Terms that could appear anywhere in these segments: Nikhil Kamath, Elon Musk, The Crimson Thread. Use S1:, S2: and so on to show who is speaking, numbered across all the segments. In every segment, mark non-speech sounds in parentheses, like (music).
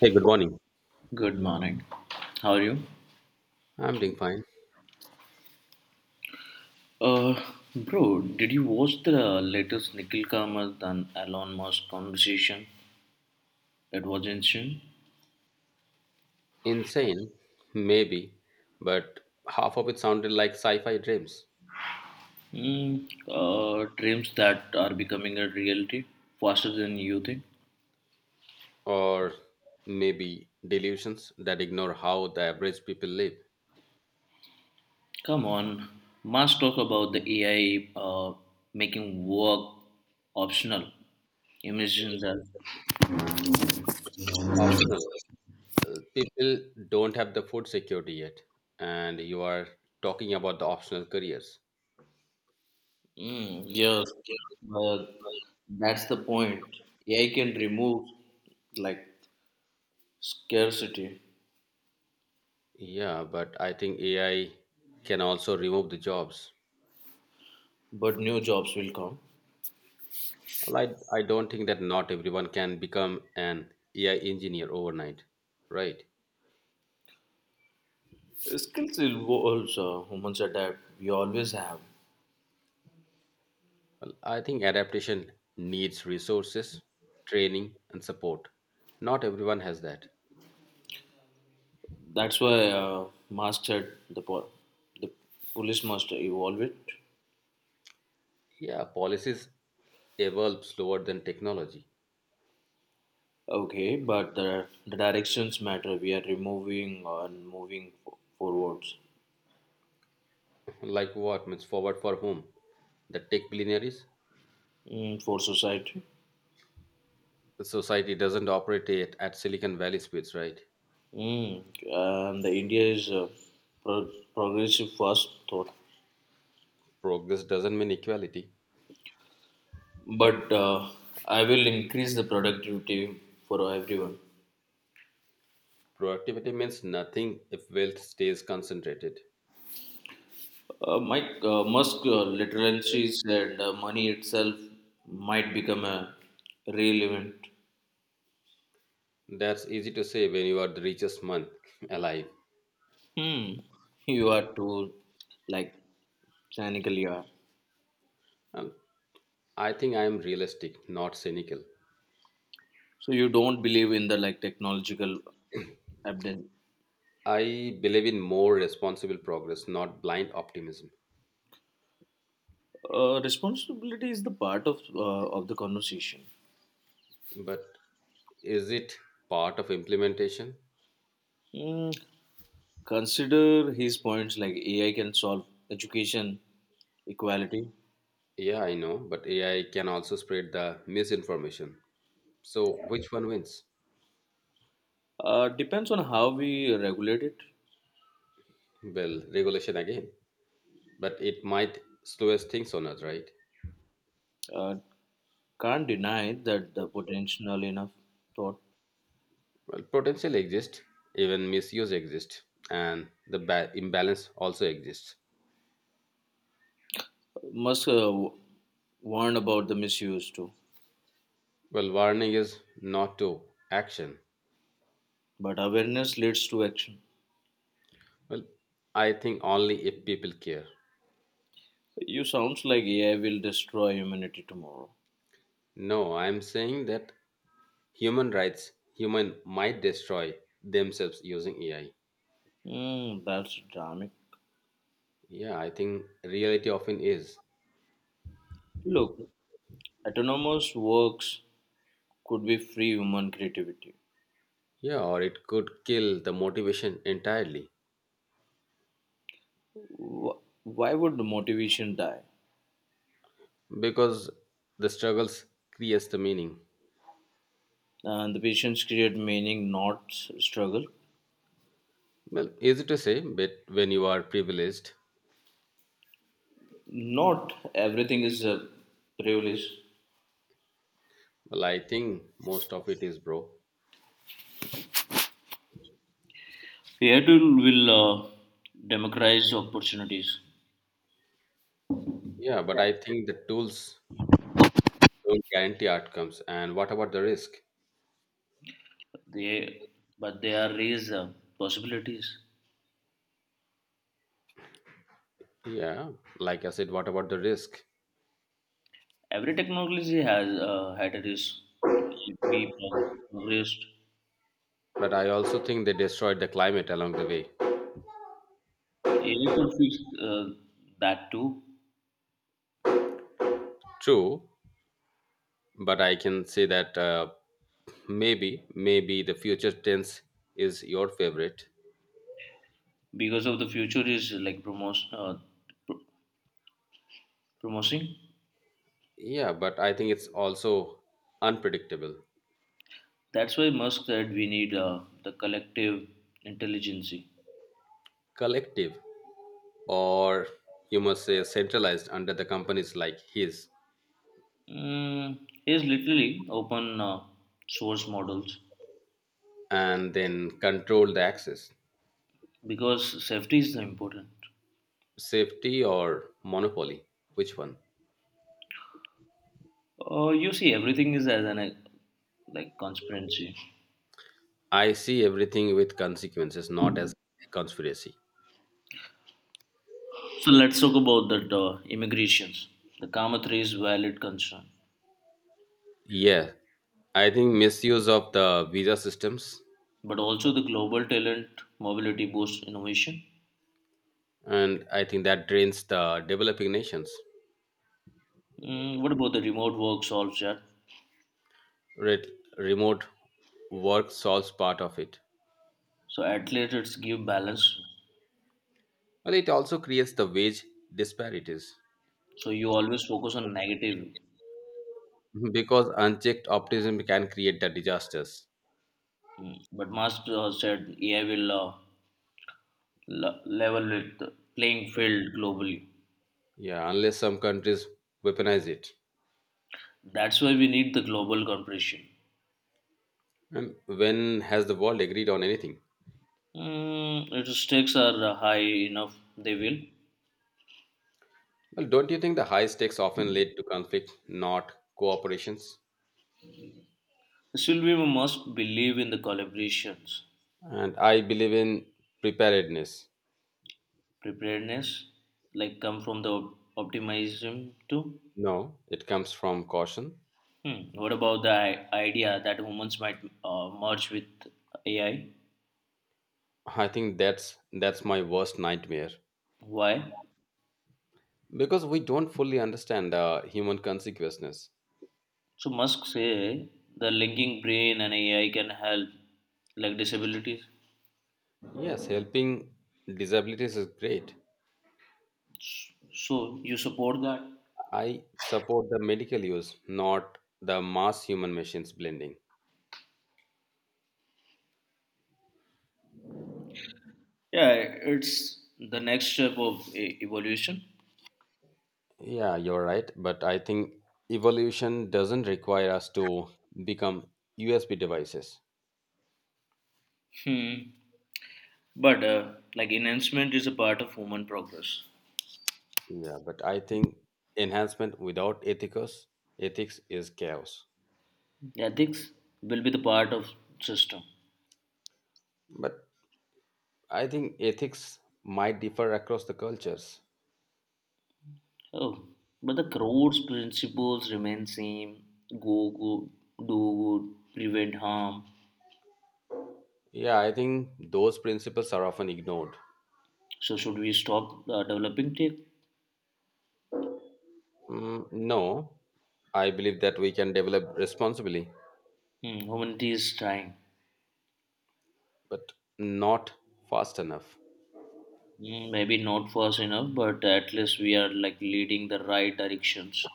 S1: Hey, good morning.
S2: Good morning. How are you?
S1: I'm doing fine.
S2: Uh, Bro, did you watch the latest Nikhil Kamath and Elon Musk conversation? That was insane.
S1: Insane, maybe, but half of it sounded like sci fi dreams
S2: Dreams that are becoming a reality faster than you think.
S1: or maybe delusions that ignore how the average people live.
S2: Come on, must talk about the AI making work optional. Imagine that.
S1: Optional. People don't have the food security yet, and you are talking about the optional careers.
S2: Yes, but that's the point. AI can remove like scarcity.
S1: Yeah, but I think AI can also remove the jobs.
S2: But new jobs will come.
S1: Well, I don't think that not everyone can become an AI engineer overnight, right?
S2: Skills involves humans adapt. We always have.
S1: Well, I think adaptation needs resources, training, and support. Not everyone has that.
S2: That's why Musk said the police must evolve it.
S1: Yeah, policies evolve slower than technology.
S2: Okay, but the directions matter. We are removing and moving forwards.
S1: (laughs) Like what? Means forward for whom? The tech billionaires?
S2: For society.
S1: The society doesn't operate at Silicon Valley speeds, right?
S2: And the India is progressive fast thought.
S1: Progress doesn't mean equality.
S2: But I will increase the productivity for everyone.
S1: Productivity means nothing if wealth stays concentrated.
S2: Mike, Musk literally said money itself might become a real event.
S1: That's easy to say when you are the richest man (laughs) alive.
S2: Hmm, you are too like cynical, you are.
S1: Um, I think I am realistic, not cynical.
S2: So you don't believe in the like technological Abden.
S1: I believe in more responsible progress, not blind optimism.
S2: Responsibility is the part of the conversation.
S1: But is it part of implementation?
S2: Hmm, Consider his points like AI can solve education equality.
S1: Yeah, I know, but AI can also spread the misinformation. So which one wins?
S2: Depends on how we regulate it.
S1: Well, regulation again. But it might slow us things on earth, right?
S2: Uh, Can't deny that the potential enough thought
S1: Well, potential exists, even misuse exists, and the imbalance also exists.
S2: must warn about the misuse too.
S1: Well, warning is not to action.
S2: But awareness leads to action.
S1: Well, I think only if people care.
S2: You sounds like AI will destroy humanity tomorrow.
S1: No, I'm saying that human might destroy themselves using AI.
S2: That's dramatic.
S1: Yeah, I think reality often is.
S2: Look, autonomous works could be free human creativity.
S1: Yeah, or it could kill the motivation entirely
S2: Why would the motivation die?
S1: because the struggles creates the meaning.
S2: And the patients create meaning, not struggle.
S1: Well, easy to say, but when you are privileged,
S2: Not everything is a privilege.
S1: well, I think most of it is, bro.
S2: AI will democratize opportunities.
S1: Yeah, but
S2: Yeah.
S1: I think the tools don't guarantee outcomes. And what about the risk?
S2: They, but they are raise possibilities.
S1: Yeah, like I said, what about the risk?
S2: Every technology has had a risk. If we progressed,
S1: But I also think they destroyed the climate along the way.
S2: AI could fix uh, that too.
S1: True, but I can say that maybe the future tense is your favorite.
S2: Because of the future is like pr- promoting.
S1: Yeah, but I think it's also unpredictable,
S2: That's why Musk said we need the collective intelligence.
S1: collective, or you must say centralized under the companies like his,
S2: Mm, is literally open source models
S1: and then control the access,
S2: because safety is important.
S1: safety or monopoly. Which one?
S2: You see, everything is as an like conspiracy.
S1: I see everything with consequences, not as a conspiracy.
S2: So let's talk about that immigrations. The Kama 3 is valid concern,
S1: Yeah, I think misuse of the visa systems
S2: but also the global talent mobility boosts innovation.
S1: and I think that drains the developing nations
S2: What about the remote work solves that?
S1: Re- remote work solves part of it
S2: So athletes give balance.
S1: well it also creates the wage disparities
S2: So you always focus on negative.
S1: (laughs) because unchecked optimism can create the disasters
S2: But Musk said AI will level with the playing field globally.
S1: yeah unless some countries weaponize it
S2: That's why we need the global cooperation.
S1: and when has the world agreed on anything
S2: If stakes are high enough, they will.
S1: well don't you think the high stakes often lead to conflict not cooperations
S2: Still, we must believe in the collaborations.
S1: and I believe in preparedness
S2: Preparedness, like come from the optimism too.
S1: no it comes from caution
S2: Hmm. What about the idea that humans might merge with AI?
S1: I think that's my worst nightmare
S2: Why?
S1: because we don't fully understand human consequences.
S2: So Musk say the linking brain and AI can help, like disabilities.
S1: Yes, helping disabilities is great.
S2: So you support that?
S1: I support the medical use, not the mass human machines blending.
S2: Yeah, it's the next step of evolution.
S1: Yeah, you're right, but I think evolution doesn't require us to become USB devices.
S2: Hmm. But like enhancement is a part of human progress.
S1: Yeah, but I think enhancement without ethicals ethics is chaos.
S2: Ethics will be the part of system.
S1: But I think ethics might differ across the cultures.
S2: Oh, but the crores principles remain same. Go good, do good, prevent harm.
S1: Yeah, I think those principles are often ignored.
S2: So should we stop developing tech?
S1: Mm, no, I believe that we can develop responsibly,
S2: Humanity is trying.
S1: but not fast enough.
S2: Maybe not fast enough, but at least we are like leading the right directions.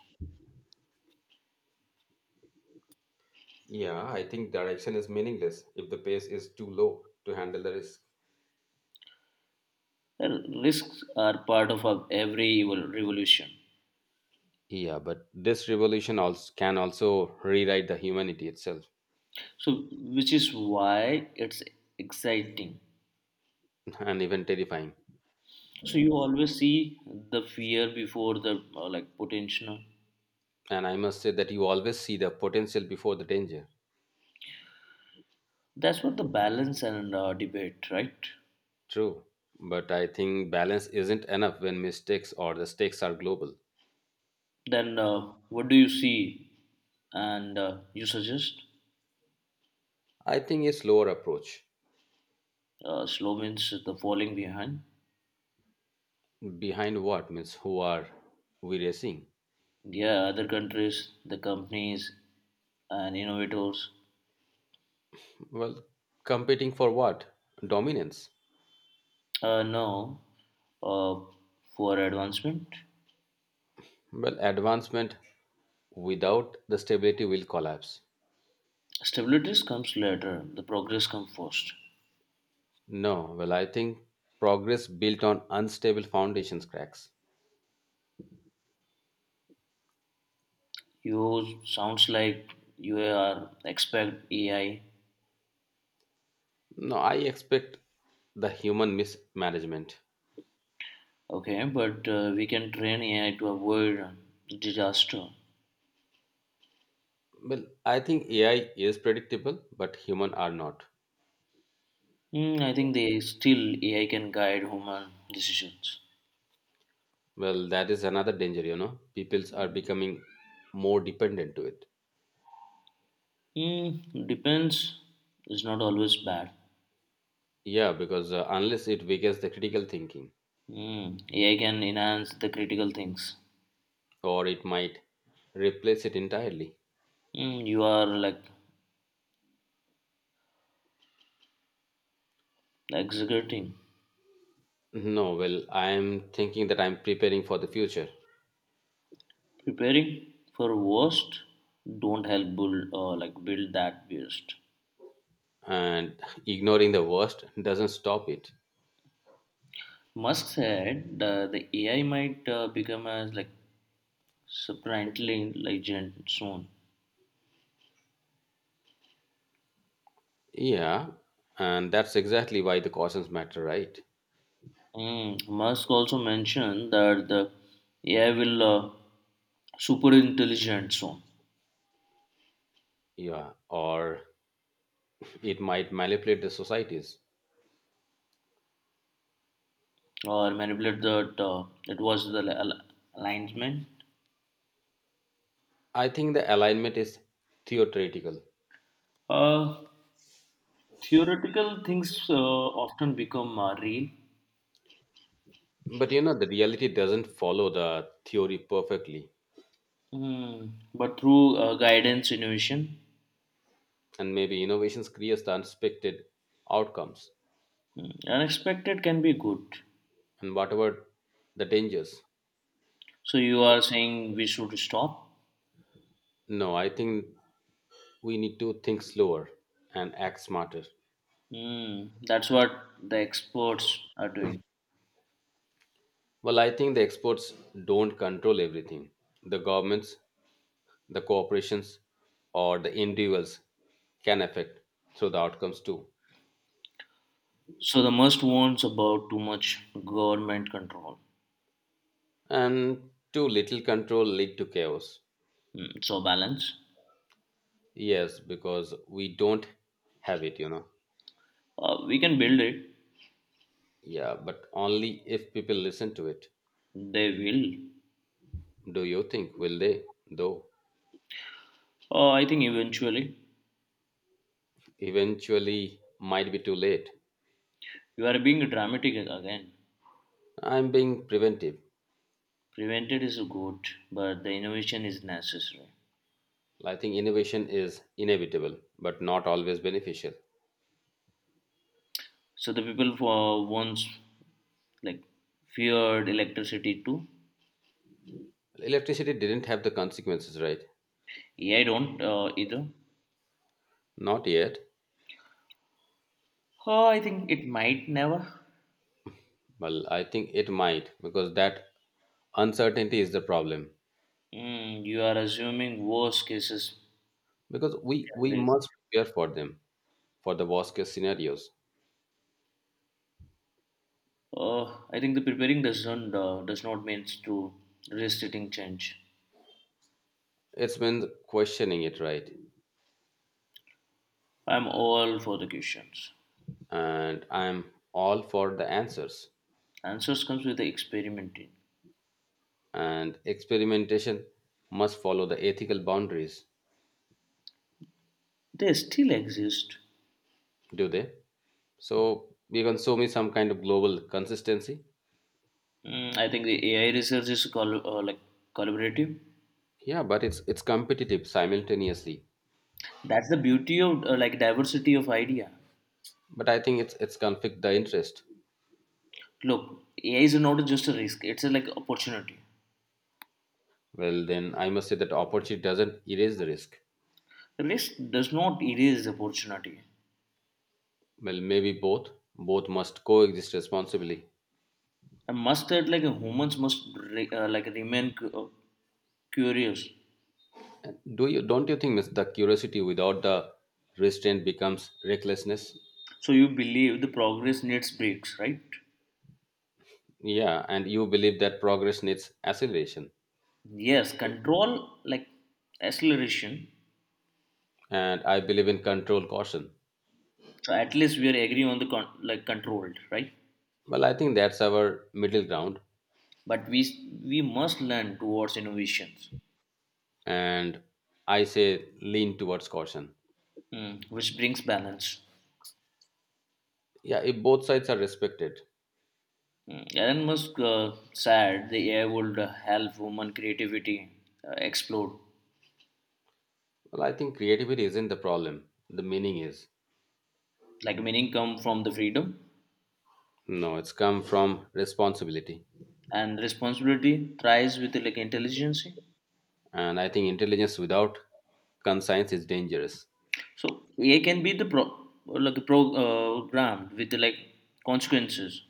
S1: Yeah, I think direction is meaningless if the pace is too low to handle the risk.
S2: The risks are part of our every revolution.
S1: Yeah, but this revolution also can also rewrite the humanity itself
S2: So, which is why it's exciting.
S1: (laughs) and even terrifying.
S2: So you always see the fear before the like potential.
S1: And I must say that you always see the potential before the danger.
S2: That's what the balance and debate, right?
S1: True, but I think balance isn't enough when mistakes or the stakes are global.
S2: Then what do you see, and you suggest?
S1: I think a slower approach.
S2: Slow means the falling behind.
S1: Behind what? Means who are we racing?
S2: Yeah, other countries, the companies, and innovators.
S1: Well, competing for what? Dominance.
S2: No, uh, for advancement,
S1: Well, advancement without the stability will collapse.
S2: stability comes later. The progress comes first.
S1: No, well, I think progress built on unstable foundations cracks.
S2: You sounds like you are expect AI.
S1: No, I expect the human mismanagement.
S2: Okay, but we can train AI to avoid disaster.
S1: Well, I think AI is predictable, but human are not.
S2: I think they still AI can guide human decisions.
S1: Well, that is another danger, you know. Peoples are becoming more dependent to it.
S2: Depends is not always bad.
S1: Yeah, because unless it weakens the critical thinking.
S2: AI can enhance the critical things.
S1: Or it might replace it entirely.
S2: You are like executing,
S1: No, well, I am thinking that I'm preparing for the future,
S2: preparing for worst. Don't help build like build that worst.
S1: and ignoring the worst doesn't stop it.
S2: Musk said the AI might become as like surprisingly legend soon.
S1: Yeah, and that's exactly why the cautions matter, right?
S2: Musk also mentioned that the AI will super intelligent soon.
S1: Yeah, or it might manipulate the societies.
S2: Or manipulate that it was the alignment.
S1: I think the alignment is theoretical,
S2: Uh, Theoretical things often become real,
S1: but you know, the reality doesn't follow the theory perfectly,
S2: but through guidance, innovation,
S1: and maybe innovations creates the unexpected outcomes
S2: unexpected can be good.
S1: and whatever the dangers.
S2: So you are saying we should stop?
S1: No, I think we need to think slower and act smarter.
S2: That's what the experts are doing.
S1: Well, I think the experts don't control everything. The governments, the corporations, or the individuals can affect through the outcomes too.
S2: So the most warns about too much government control.
S1: And too little control lead to chaos.
S2: So balance.
S1: Yes, because we don't have it, you know.
S2: We can build it.
S1: Yeah, but only if people listen to it.
S2: They will.
S1: Do you think will they? Though
S2: I think eventually.
S1: eventually might be too late.
S2: You are being dramatic again.
S1: I'm being preventive.
S2: Prevented is good, but the innovation is necessary.
S1: Well, I think innovation is inevitable, but not always beneficial.
S2: So the people for once like feared electricity too.
S1: Well, Electricity didn't have the consequences, right?
S2: Yeah, I don't either.
S1: Not yet.
S2: Oh, I think it might never.
S1: Well, I think it might because that uncertainty is the problem.
S2: You are assuming worst cases.
S1: Because we
S2: Scenarios.
S1: must prepare for them for the worst case scenarios.
S2: Uh, I think the preparing does not means to restricting change.
S1: It's been questioning it, right?
S2: I'm all for the questions.
S1: And I'm all for the answers.
S2: Answers comes with the experimenting.
S1: And experimentation must follow the ethical boundaries,
S2: They still exist.
S1: do they? So you can show me some kind of global consistency.
S2: I think the AI research is like collaborative.
S1: Yeah, but it's competitive simultaneously.
S2: That's the beauty of like diversity of idea.
S1: But I think it's conflict the interest.
S2: Look, AI is not just a risk; it's a like opportunity.
S1: Well, then I must say that opportunity doesn't erase the risk.
S2: Risk does not erase opportunity.
S1: Well, maybe both must coexist responsibly.
S2: I must that like humans must like remain curious.
S1: Do you don't you think miss, the curiosity without the restraint becomes recklessness?
S2: So you believe the progress needs breaks, right?
S1: Yeah, and you believe that progress needs acceleration,
S2: Yes, control like acceleration.
S1: and I believe in control caution.
S2: So at least we are agree on the like controlled, right?
S1: Well, I think that's our middle ground,
S2: But we must learn towards innovations,
S1: and I say lean towards caution.
S2: which brings balance.
S1: Yeah, if both sides are respected.
S2: Mm. Elon Musk said the AI would help human creativity explode,
S1: Well, I think creativity isn't the problem. The meaning is.
S2: like meaning come from the freedom
S1: No, it's come from responsibility.
S2: and responsibility thrives with like intelligence.
S1: And I think intelligence without conscience is dangerous.
S2: So AI can be the programmed with like consequences,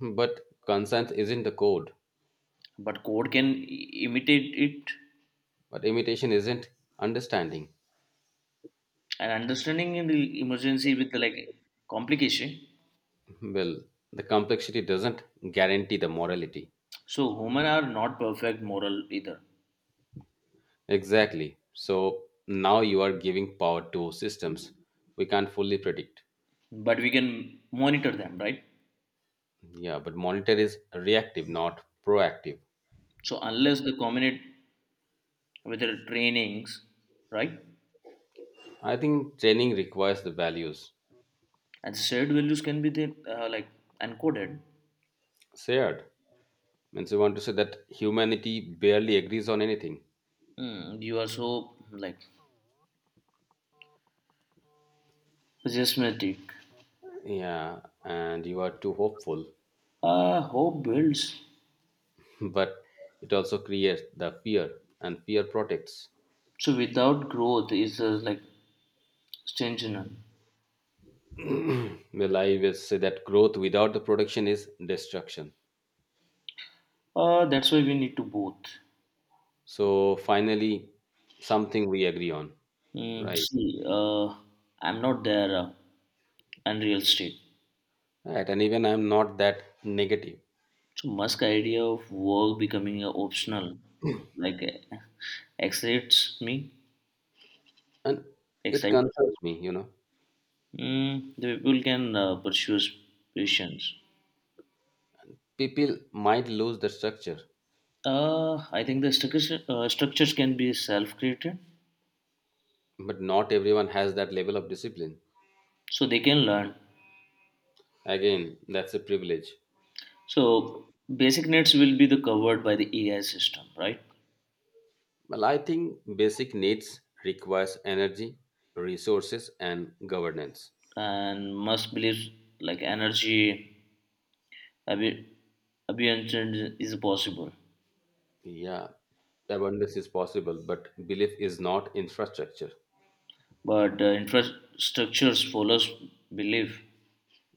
S1: But conscience isn't the code.
S2: but code can imitate it
S1: But imitation isn't understanding.
S2: and understanding in the emergency with the like complication.
S1: Well, the complexity doesn't guarantee the morality.
S2: So human are not perfect moral either,
S1: Exactly. So now you are giving power to systems we can't fully predict.
S2: but we can monitor them, right?
S1: Yeah, but monitor is reactive, not proactive.
S2: So unless they combine with their trainings, right,
S1: I think training requires the values
S2: and shared values can be then like encoded.
S1: shared. Means you want to say that humanity barely agrees on anything.
S2: You are so like pessimistic.
S1: Yeah, and you are too hopeful,
S2: Hope builds.
S1: (laughs) but it also creates the fear, and fear protects.
S2: So without growth is like stagnant.
S1: Well, I will say that growth without the production is destruction.
S2: That's why we need to both.
S1: So finally, something we agree on, right?
S2: See, I'm not there unreal state.
S1: Right, and even I'm not that negative,
S2: So Musk idea of work becoming a optional like uh, excites me.
S1: and it
S2: Excites.
S1: concerns me. You know,
S2: The people can pursue patience.
S1: people might lose the structure,
S2: I think structures can be self-created,
S1: but not everyone has that level of discipline.
S2: so they can learn.
S1: Again, that's a privilege.
S2: So basic needs will be the covered by the AI system, right?
S1: Well, I think basic needs requires energy, resources, and governance.
S2: And Musk believes like energy abi- abundance is possible,
S1: Yeah, abundance is possible, but belief is not infrastructure.
S2: but infrastructures follows belief.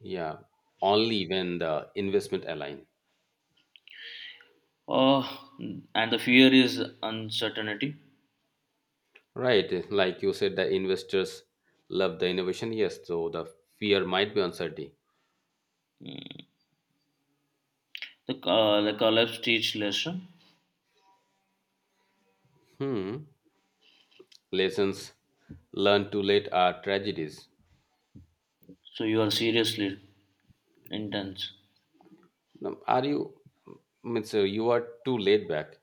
S1: Yeah, only when the investment align.
S2: Uh, and the fear is uncertainty.
S1: Right, like you said, the investors love the innovation. Yes, so the fear might be uncertainty.
S2: The collapse teach lesson.
S1: Hmm. Lessons learned too late are tragedies.
S2: So you are seriously intense.
S1: Now, Are you? Means you are too laid back.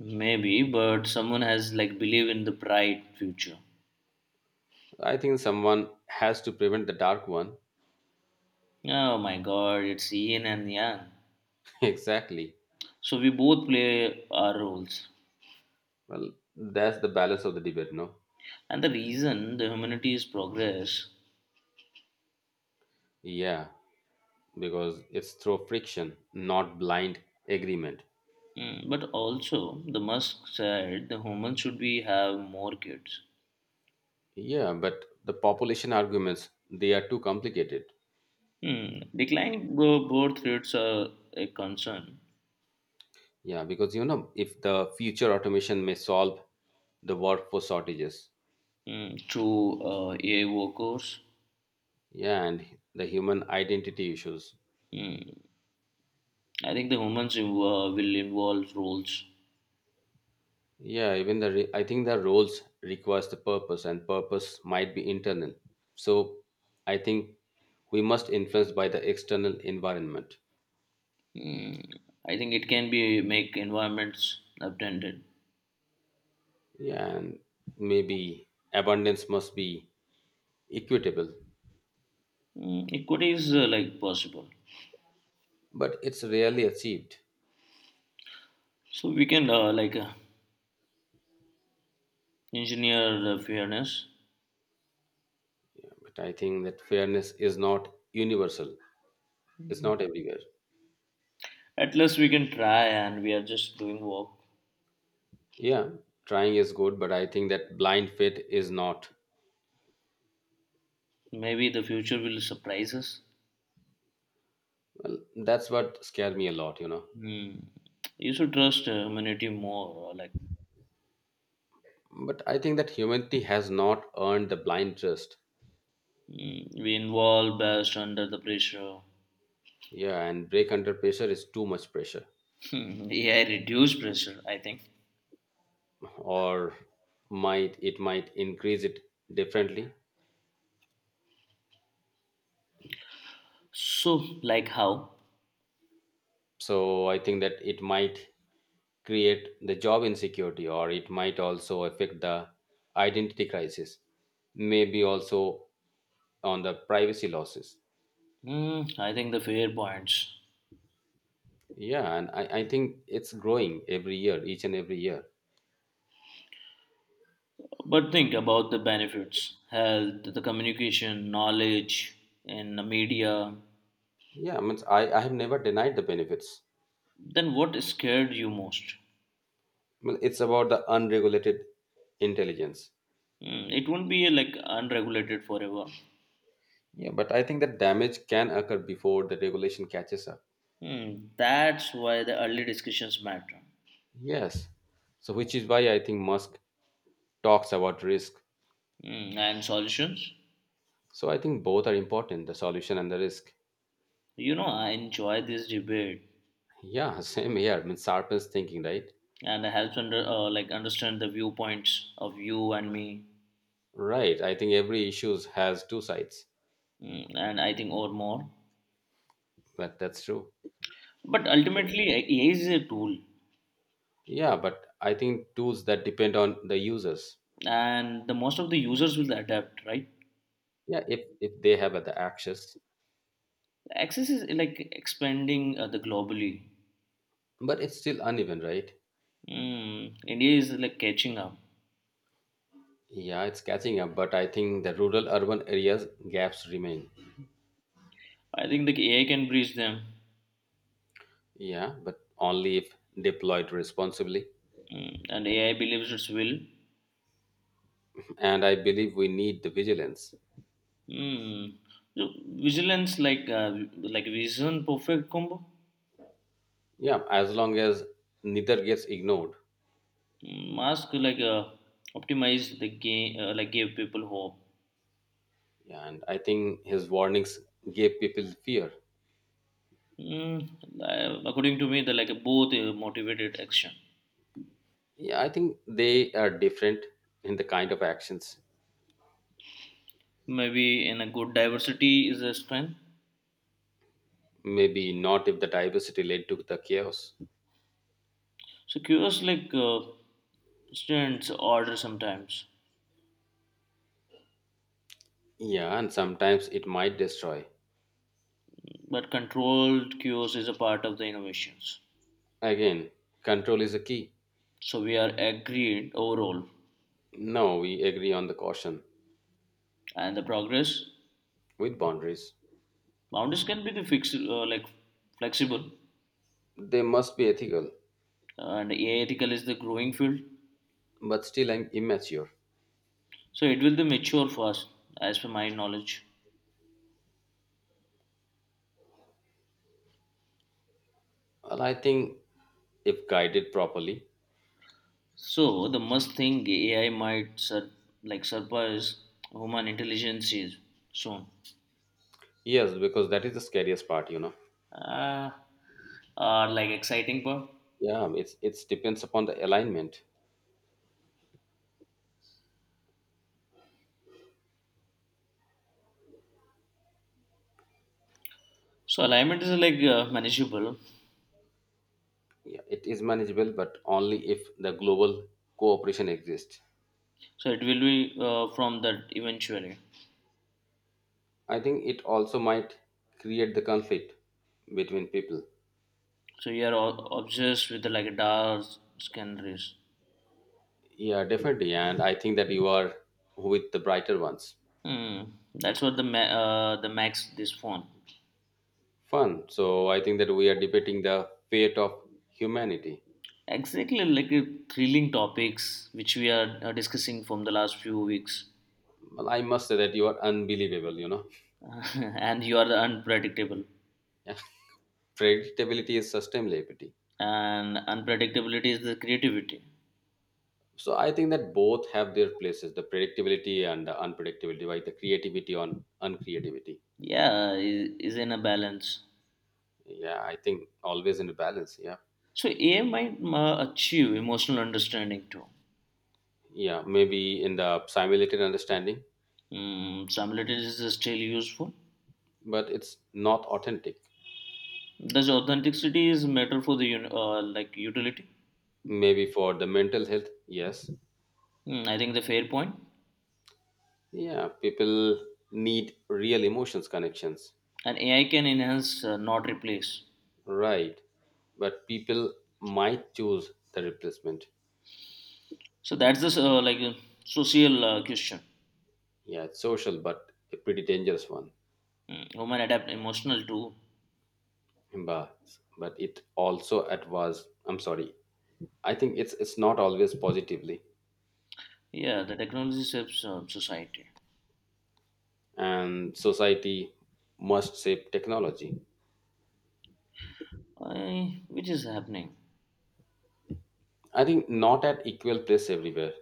S2: Maybe, but someone has like believe in the bright future.
S1: I think someone has to prevent the dark one.
S2: Oh my god, it's yin and yang.
S1: Exactly.
S2: So we both play our roles.
S1: Well, that's the balance of the debate, no?
S2: And the reason the humanity is progress,
S1: Yeah, because it's through friction, not blind agreement.
S2: but also the Musk said the humans should be have more kids.
S1: Yeah, but the population arguments, they are too complicated.
S2: Hmm. Declining birth rates are a concern.
S1: Yeah, because you know, if the future automation may solve the workforce shortages,
S2: Through AI workers.
S1: yeah, and the human identity issues.
S2: Mm, I think the humans will involve roles.
S1: Yeah, even the I think the roles requires the purpose, and purpose might be internal. So I think we must influence by the external environment.
S2: Mm, I think it can be make environments attended.
S1: Yeah, and maybe abundance must be equitable,
S2: Equity is like possible.
S1: but it's rarely achieved.
S2: So we can like engineer the fairness.
S1: But I think that fairness is not universal, it's not everywhere.
S2: At least we can try, and we are just doing work.
S1: Yeah, trying is good, but I think that blind faith is not.
S2: Maybe the future will surprise us.
S1: Well, that's what scared me a lot, you know.
S2: Mm. You should trust humanity more. Like.
S1: But I think that humanity has not earned the blind trust.
S2: We involve best under the pressure.
S1: Yeah, and break under pressure is too much pressure.
S2: AI reduce pressure, I think.
S1: Or might it might increase it differently.
S2: So, like how?
S1: So I think that it might create the job insecurity or it might also affect the identity crisis maybe also on the privacy losses
S2: I think the fair points.
S1: yeah and I think it's growing every year each and every year
S2: But think about the benefits health, the communication, knowledge, and the media.
S1: yeah I mean I have never denied the benefits
S2: Then what scared you most?
S1: well it's about the unregulated intelligence
S2: It won't be like unregulated forever.
S1: yeah but I think that damage can occur before the regulation catches up
S2: That's why the early discussions matter.
S1: yes so which is why I think musk talks about risk.
S2: And solutions?
S1: So I think both are important, the solution and the risk.
S2: You know, I enjoy this debate
S1: Yeah, (laughs) same here. I mean, sharpens thinking, right?
S2: and it helps like understand the viewpoints of you and me.
S1: Right. I think every issue has two sides.
S2: And I think or more.
S1: But that's true.
S2: But ultimately, AI is a tool,
S1: Yeah, but I think tools that depend on the users.
S2: and the most of the users will adapt, right?
S1: Yeah, if they have the access,
S2: Access is like expanding the globally.
S1: but it's still uneven, right?
S2: India is like catching up.
S1: Yeah, it's catching up, but I think the rural urban areas gaps remain.
S2: I think the AI can bridge them,
S1: Yeah, but only if deployed responsibly.
S2: and AI believes it will.
S1: And I believe we need the vigilance.
S2: Mm. So vigilance like vision perfect combo.
S1: Yeah, as long as neither gets ignored.
S2: Mask like optimize the game like give people hope.
S1: Yeah, and I think his warnings gave people fear.
S2: Mm, According to me, they're like both motivated action.
S1: Yeah, I think they are different in the kind of actions.
S2: Maybe in a good diversity is a strength.
S1: Maybe not if the diversity led to the chaos.
S2: So chaos like students order sometimes.
S1: Yeah, and sometimes it might destroy.
S2: But controlled chaos is a part of the innovations.
S1: Again, control is a key.
S2: So we are agreed overall.
S1: No, we agree on the caution
S2: And the progress.
S1: with boundaries.
S2: Boundaries can be the fixed like flexible.
S1: They must be ethical,
S2: And AI ethical is the growing field.
S1: but still I'm immature.
S2: So it will be mature fast as per my knowledge.
S1: Well, I think if guided properly,
S2: So the must thing AI might like surpass human intelligence is soon.
S1: yes, because that is the scariest part, you know.
S2: uh, are like exciting part.
S1: Yeah, it's depends upon the alignment.
S2: So alignment is like manageable.
S1: Yeah, it is manageable, but only if the global cooperation exists.
S2: So it will be from that eventually.
S1: I think it also might create the conflict between people.
S2: So you are obsessed with like dark sceneries.
S1: Yeah, definitely. And I think that you are with the brighter ones.
S2: Hmm. That's what the max this phone.
S1: Fun. So I think that we are debating the fate of humanity.
S2: Exactly like thrilling topics which we are discussing from the last few weeks,
S1: Well, I must say that you are unbelievable, you know. (laughs)
S2: (laughs) and you are unpredictable.
S1: Yeah. Predictability is sustainability.
S2: And unpredictability is the creativity.
S1: So I think that both have their places, the predictability and the unpredictability, right? The creativity on uncreativity.
S2: Yeah, is in a balance.
S1: Yeah, I think always in a balance. Yeah.
S2: So AI might achieve emotional understanding too.
S1: Yeah. Maybe in the simulated understanding,
S2: Similarities is still useful.
S1: but it's not authentic.
S2: Thus, authenticity is matter for the like utility.
S1: Maybe for the mental health, yes.
S2: I think the fair point.
S1: Yeah. People need real emotions connections.
S2: And AI can enhance, not replace.
S1: Right. But people might choose the replacement.
S2: So that's the like social question.
S1: Yeah, it's social, but a pretty dangerous one.
S2: Human adapt emotional to.
S1: But but it also at was. I'm sorry, I think it's not always positively,
S2: Yeah, the technology shapes society.
S1: and society must shape technology.
S2: Which is happening.
S1: I think not at equal place everywhere.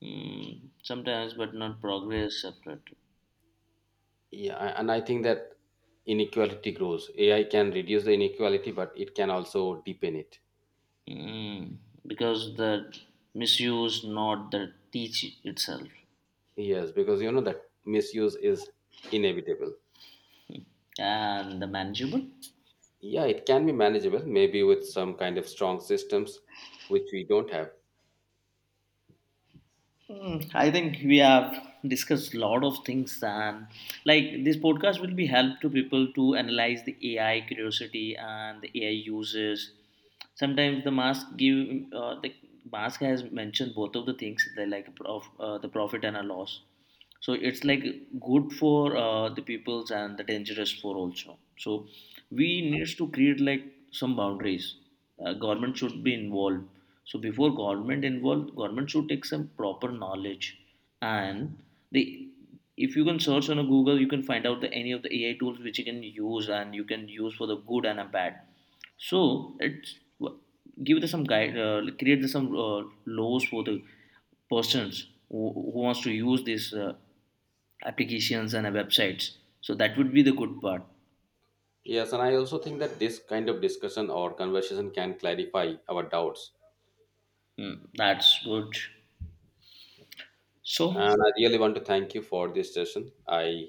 S2: Sometimes, but not progress separate.
S1: Yeah, and I think that inequality grows. AI can reduce the inequality, but it can also deepen it.
S2: Mm, because the misuse, not the teach itself,
S1: Yes, because you know that misuse is inevitable.
S2: and the manageable.
S1: Yeah, it can be manageable, maybe with some kind of strong systems, which we don't have.
S2: I think we have discussed a lot of things, and like this podcast will be help to people to analyze the AI curiosity and the AI uses. Sometimes the mask has mentioned both of the things, they like the profit and a loss. So it's like good for the peoples and the dangerous for also, so we needs to create like some boundaries. Government should be involved, so before government involved government should take some proper knowledge, and the if you can search on a google you can find out the any of the AI tools which you can use and you can use for the good and a bad, so it's give the some guide, like, create the some laws for the persons who wants to use these applications and websites. So that would be the good part.
S1: Yes, and I also think that this kind of discussion or conversation can clarify our doubts.
S2: That's good. So
S1: And I really want to thank you for this session. I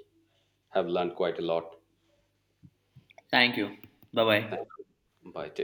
S1: have learned quite a lot.
S2: thank you. Bye
S1: Thank
S2: bye.
S1: you. Bye. Take